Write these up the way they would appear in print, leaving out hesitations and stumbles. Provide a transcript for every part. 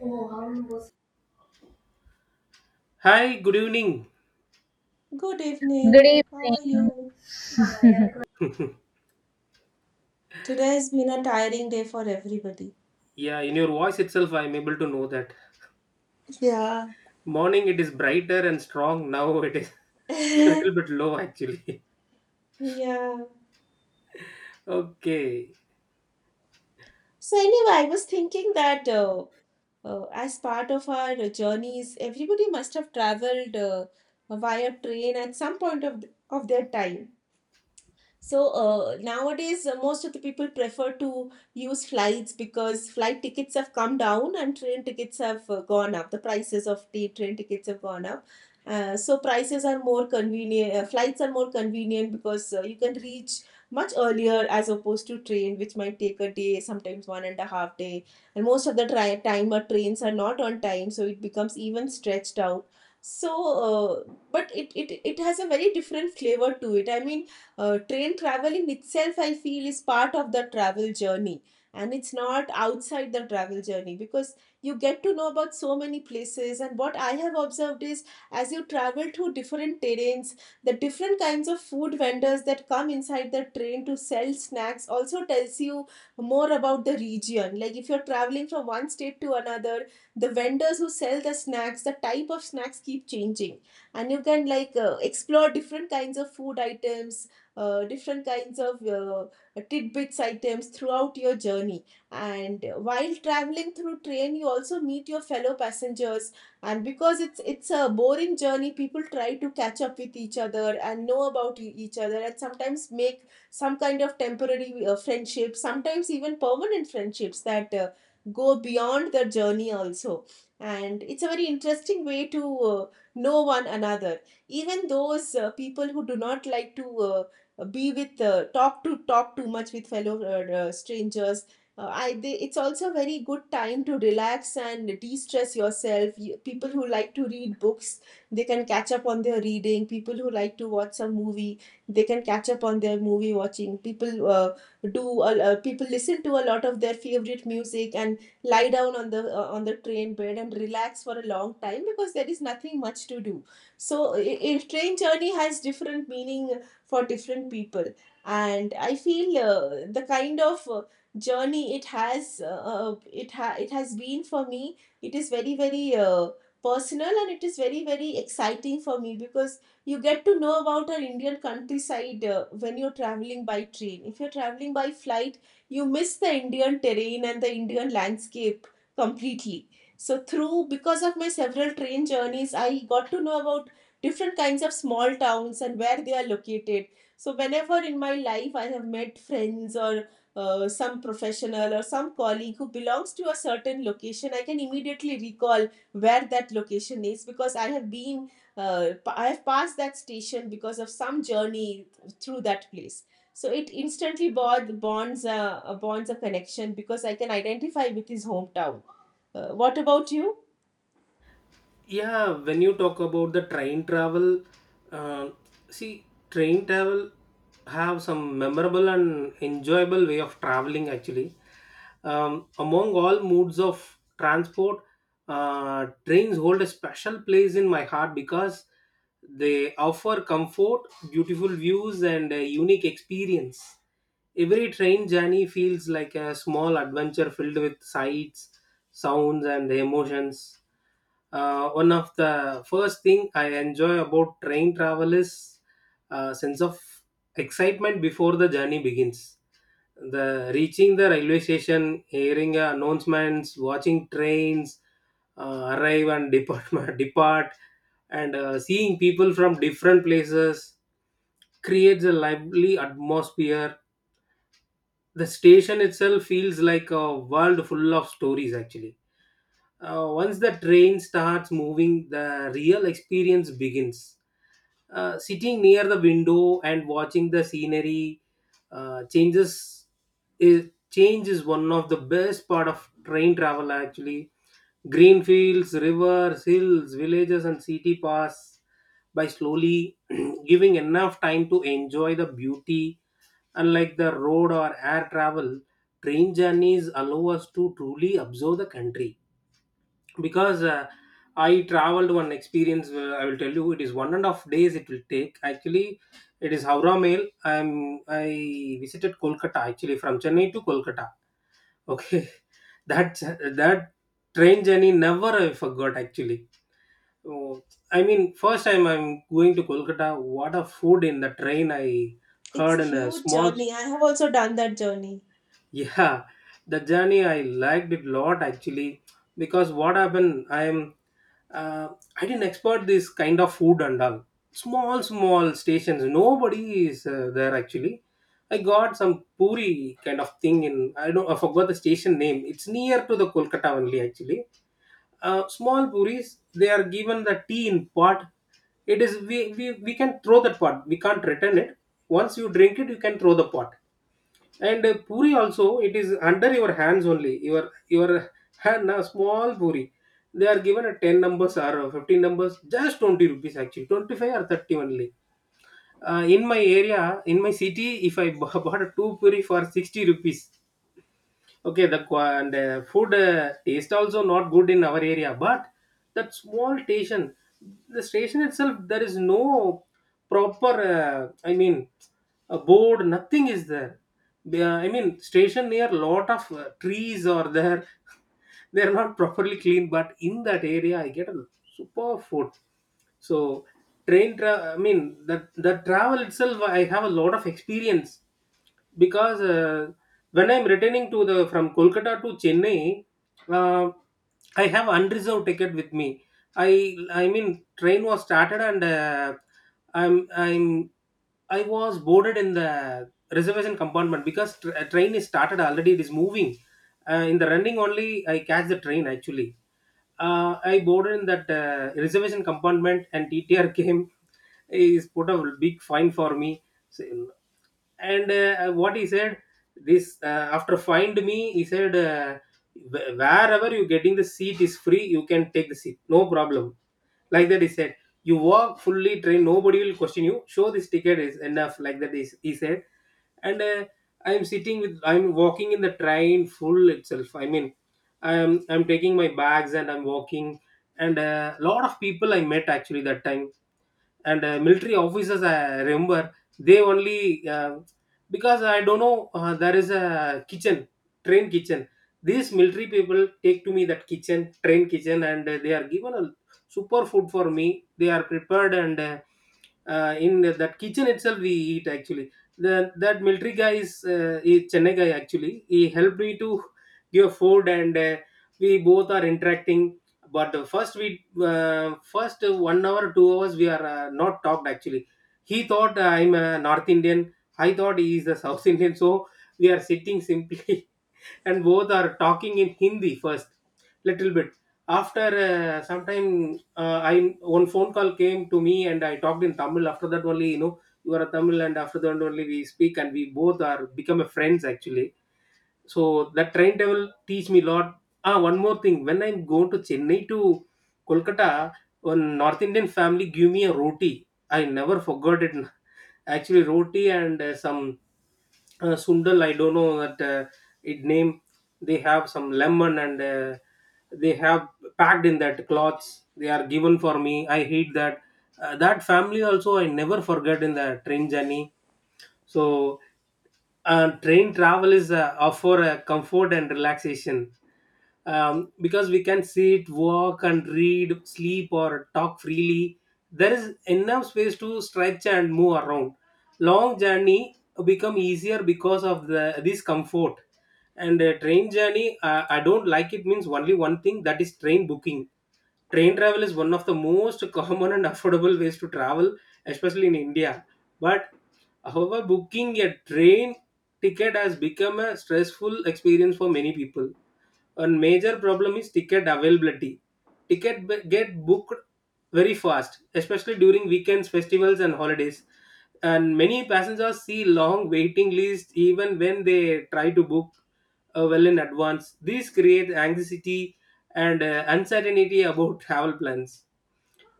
Good Hi, good evening. Good evening. How are evening. you? Today has been a tiring day for everybody. Yeah, in your voice itself, I am able to know that. Yeah. Morning, it is brighter and strong. Now it is a little bit low, actually. Yeah. Okay. So anyway, I was thinking that as part of our journeys, everybody must have traveled via train at some point of their time. So nowadays, most of the people prefer to use flights because flight tickets have come down and train tickets have gone up. The prices of the train tickets have gone up. So prices are more convenient. Flights are more convenient because you can reach much earlier as opposed to train, which might take a day, sometimes 1.5 day. And most of the time, our trains are not on time, so it becomes even stretched out. So, but it has a very different flavor to it. I mean train traveling itself I feel is part of the travel journey, and it's not outside the travel journey because you get to know about so many places. And what I have observed is, as you travel through different terrains, the different kinds of food vendors that come inside the train to sell snacks also tells you more about the region. Like if you're traveling from one state to another, the vendors who sell the snacks, the type of snacks keep changing, and you can, like, explore different kinds of food items, different kinds of tidbits items throughout your journey. And while traveling through train, you also meet your fellow passengers. And because it's a boring journey, people try to catch up with each other and know about each other, and sometimes make some kind of temporary friendships, sometimes even permanent friendships that go beyond the journey also. And it's a very interesting way to know one another. Even those people who do not like to be with talk to talk too much with fellow strangers, it's also a very good time to relax and de-stress yourself. You, people who like to read books, they can catch up on their reading. People who like to watch a movie, they can catch up on their movie watching. People listen to a lot of their favorite music and lie down on the train bed and relax for a long time because there is nothing much to do. So a train journey has different meaning for different people, and I feel the kind of journey it it has been for me, it is very personal, and it is very very exciting for me, because you get to know about our Indian countryside when you're traveling by train. If you're traveling by flight, you miss the Indian terrain and the Indian landscape completely. So through because of my several train journeys, I got to know about different kinds of small towns and where they are located. So, whenever in my life I have met friends or some professional or some colleague who belongs to a certain location, I can immediately recall where that location is, because I have been, I have passed that station because of some journey through that place. So it instantly bonds bonds a connection because I can identify with his hometown. What about you? Yeah, when you talk about the train travel, uh, see, train travel have some memorable and enjoyable way of traveling, actually. Among all modes of transport, trains hold a special place in my heart because they offer comfort, beautiful views, and a unique experience. Every train journey feels like a small adventure filled with sights, sounds, and emotions. One of the first thing I enjoy about train travel is a sense of excitement before the journey begins, the reaching the railway station, hearing announcements, watching trains arrive and depart, depart and seeing people from different places creates a lively atmosphere. The station itself feels like a world full of stories, actually. Uh, once the train starts moving, the real experience begins. Sitting near the window and watching the scenery changes is change is one of the best part of train travel, actually. Green fields, rivers, hills, villages, and city pass by slowly, giving enough time to enjoy the beauty. Unlike the road or air travel, train journeys allow us to truly observe the country. Because I traveled one experience, I will tell you, it is 1.5 days it will take, actually. It is Howrah Mail. I visited Kolkata, actually, from Chennai to Kolkata. Okay. that that train journey never I forgot, actually. Oh, I mean, first time I'm going to Kolkata. What a food in the train! I It's heard a in a huge small. journey. I have also done that journey. Yeah, the journey I liked it a lot, actually, because what happened, uh, I didn't expect this kind of food and all. Small small stations, nobody is there, actually. I got some puri kind of thing in, I don't, I forgot the station name, it's near to the Kolkata only, actually. Uh, small puris, they are given, the tea in pot, it is we can throw that pot, we can't return it. Once you drink it, you can throw the pot. And puri also, it is under your hands only. Your hand, a small puri. They are given a 10 numbers or 15 numbers, just 20 rupees actually, 25 or 30 only. In my area, in my city, if I bought a two puri for 60 rupees. Okay, the and food taste also not good in our area, but that small station, the station itself, there is no proper. I mean, a board, nothing is there. I mean, station near lot of trees are there. They're not properly cleaned, but in that area I get a super food. So I mean, the the travel itself, I have a lot of experience. Because when I'm returning to the from Kolkata to Chennai, uh, I have unreserved ticket with me. I mean train was started, and I'm I was boarded in the reservation compartment because a train is started already, it is moving. Uh, in the running only I catch the train, actually. Uh, I boarded in that reservation compartment and TTR came, is put a big fine for me. So, and what he said, this, after find me he said, Wherever you getting the seat is free, you can take the seat, no problem," like that he said. "You walk fully trained, nobody will question you, show this ticket is enough," like that is he said. And I'm sitting with I'm walking in the train full itself, I mean, I'm taking my bags and I'm walking. And a lot of people I met, actually, that time. And military officers I remember, they only. uh, because I don't know, there is a kitchen, train kitchen. These military people take to me that kitchen, train kitchen, and they are given a super food for me. They are prepared, and in that kitchen itself we eat, actually. That military guy is Chennai guy, actually. He helped me to give food, and we both are interacting. But first we, first 1 hour 2 hours we are not talked, actually. He thought I'm a North Indian, I thought he is a South Indian. So we are sitting simply, and both are talking in Hindi first, little bit. After some I, one phone call came to me and I talked in Tamil. After that only, you know, you are a Tamil, and after that only we speak and we both are become a friends, actually. So that train travel teach me lot. Ah, one more thing. When I'm going to Chennai to Kolkata, one North Indian family give me a roti. I never forgot it. Actually, roti and some sundal, I don't know that it name, they have some lemon, and they have packed in that cloths, they are given for me, I hate that. Uh, that family also I never forget in the train journey. So train travel is offer a comfort and relaxation. Um, because we can sit, walk, and read, sleep, or talk freely. There is enough space to stretch and move around. Long journey become easier because of the this comfort. And train journey, I don't like it means only one thing, that is train booking. Train travel is one of the most common and affordable ways to travel, especially in India. But However, booking a train ticket has become a stressful experience for many people. A major problem is ticket availability. Get booked very fast, especially during weekends, festivals, and holidays. And many passengers see long waiting lists even when they try to book well in advance. These create anxiety and uncertainty about travel plans.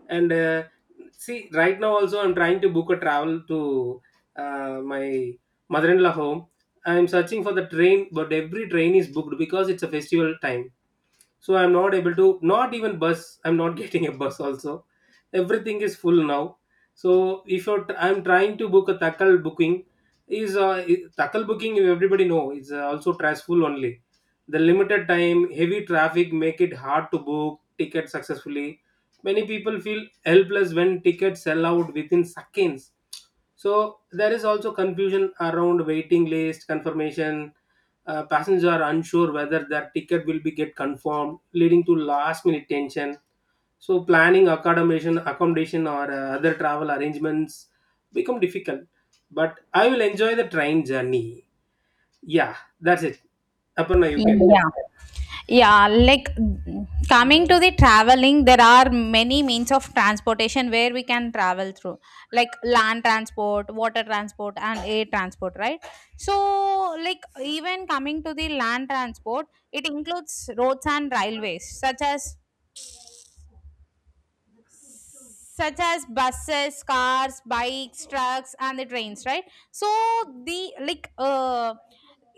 And see, right now also I'm trying to book a travel to my mother-in-law home. I'm searching for the train, but every train is booked because it's a festival time. So I'm not able to. Not even bus, I'm not getting a bus also, everything is full now. So if you're I'm trying to book a tackle booking is tackle booking, you everybody know, is also stressful only. The limited time, heavy traffic make it hard to book tickets successfully. Many people feel helpless when tickets sell out within seconds. So there is also confusion around waiting list confirmation. Passengers are unsure whether their ticket will be get confirmed, leading to last minute tension. So planning accommodation or other travel arrangements become difficult. But I will enjoy the train journey. Yeah, that's it. Aparna, you can. Yeah. Yeah. Like coming to the traveling, there are many means of transportation where we can travel through, like land transport, water transport, and air transport, right? So, like, even coming to the land transport, it includes roads and railways, such as buses, cars, bikes, trucks, and the trains, right? So the like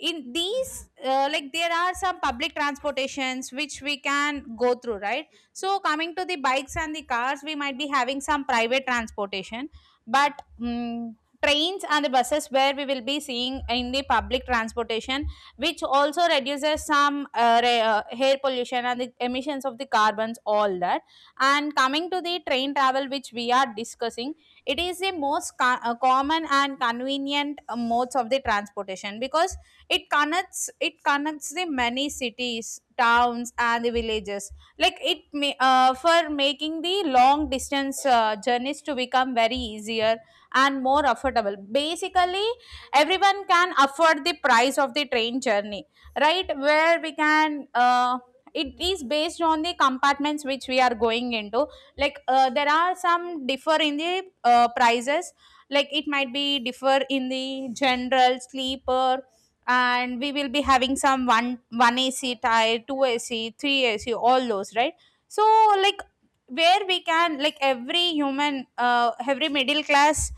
in these like, there are some public transportations which we can go through, right? So coming to the bikes and the cars, we might be having some private transportation, but trains and the buses, where we will be seeing in the public transportation, which also reduces some air pollution and the emissions of the carbons, all that. And coming to the train travel, which we are discussing, it is the most common and convenient modes of the transportation because it connects the many cities, towns, and the villages. Like it may, for making the long distance journeys to become very easier and more affordable. Basically, everyone can afford the price of the train journey, right? Where we can, it is based on the compartments which we are going into. Like there are some differ in the prices, like it might be differ in the general sleeper, and we will be having some one ac tire, two ac, three ac, all those, right? So like, where we can, like every human, every middle class,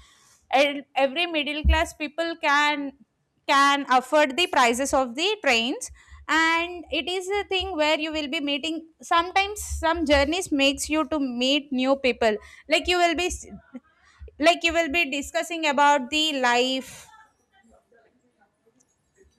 and every middle class people can afford the prices of the trains. And it is a thing where you will be meeting sometimes, some journeys makes you to meet new people. like you will be you will be discussing about the life,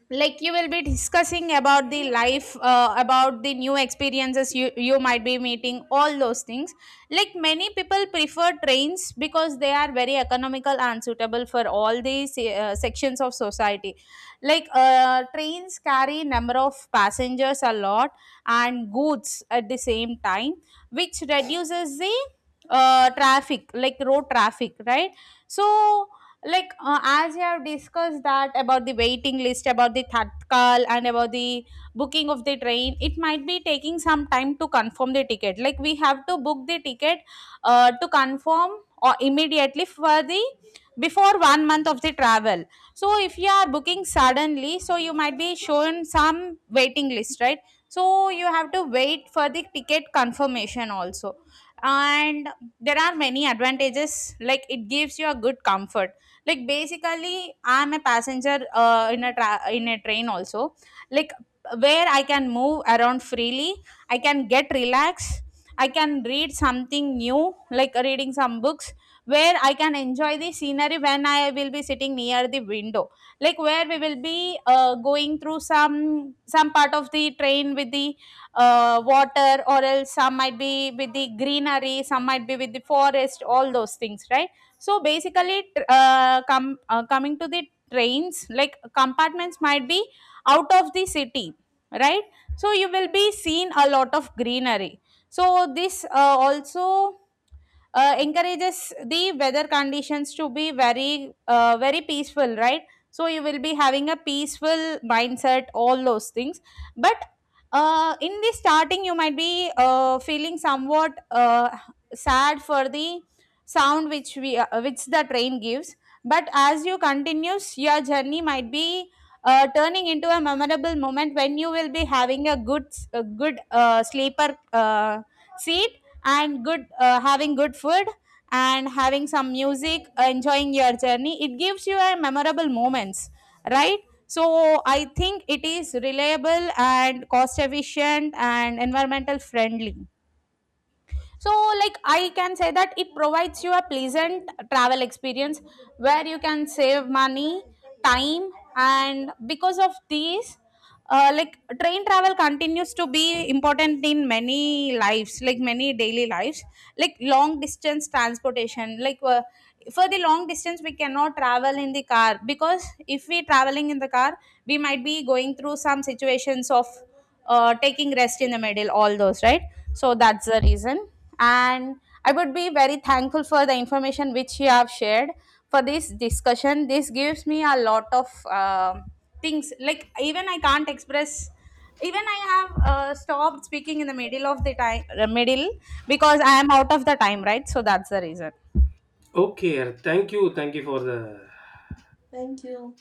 like you will be discussing about the life about the new experiences, you might be meeting all those things. Like many people prefer trains because they are very economical and suitable for all these sections of society. Like trains carry number of passengers a lot and goods at the same time, which reduces the traffic, like road traffic, right? So like, as we have discussed that about the waiting list, about the tatkal, and about the booking of the train, it might be taking some time to confirm the ticket. Like we have to book the ticket to confirm, or immediately for the before 1 month of the travel. So if you are booking suddenly, so you might be shown some waiting list, right? So you have to wait for the ticket confirmation also. And there are many advantages, like it gives you a good comfort. Like basically, I'm a passenger in a in a train also, like where I can move around freely, I can get relaxed, I can read something new, like reading some books, where I can enjoy the scenery when I will be sitting near the window. Like where we will be, going through some part of the train with the water, or else some might be with the greenery, some might be with the forest, all those things, right? So basically, coming to the trains, like compartments might be out of the city, right? So you will be seen a lot of greenery. So this, also encourages the weather conditions to be very, very peaceful, right? So you will be having a peaceful mindset, all those things. But in the starting, you might be feeling somewhat sad for the sound which we which the train gives. But as you continues, your journey might be turning into a memorable moment when you will be having a good, a good sleeper seat, and good having good food, and having some music, enjoying your journey, it gives you a memorable moments, right? So I think it is reliable and cost efficient and environmental friendly. So, like I can say that it provides you a pleasant travel experience where you can save money, time, and because of these, like train travel continues to be important in many lives, like many daily lives, like long distance transportation. Like for the long distance, we cannot travel in the car, because if we traveling in the car, we might be going through some situations of taking rest in the middle, all those, right? So that's the reason. And I would be very thankful for the information which you have shared for this discussion. This gives me a lot of um things, like even I can't express. Even I have stopped speaking in the middle of the time, middle, because I am out of the time, right? So that's the reason. Okay, thank you for the Thank you.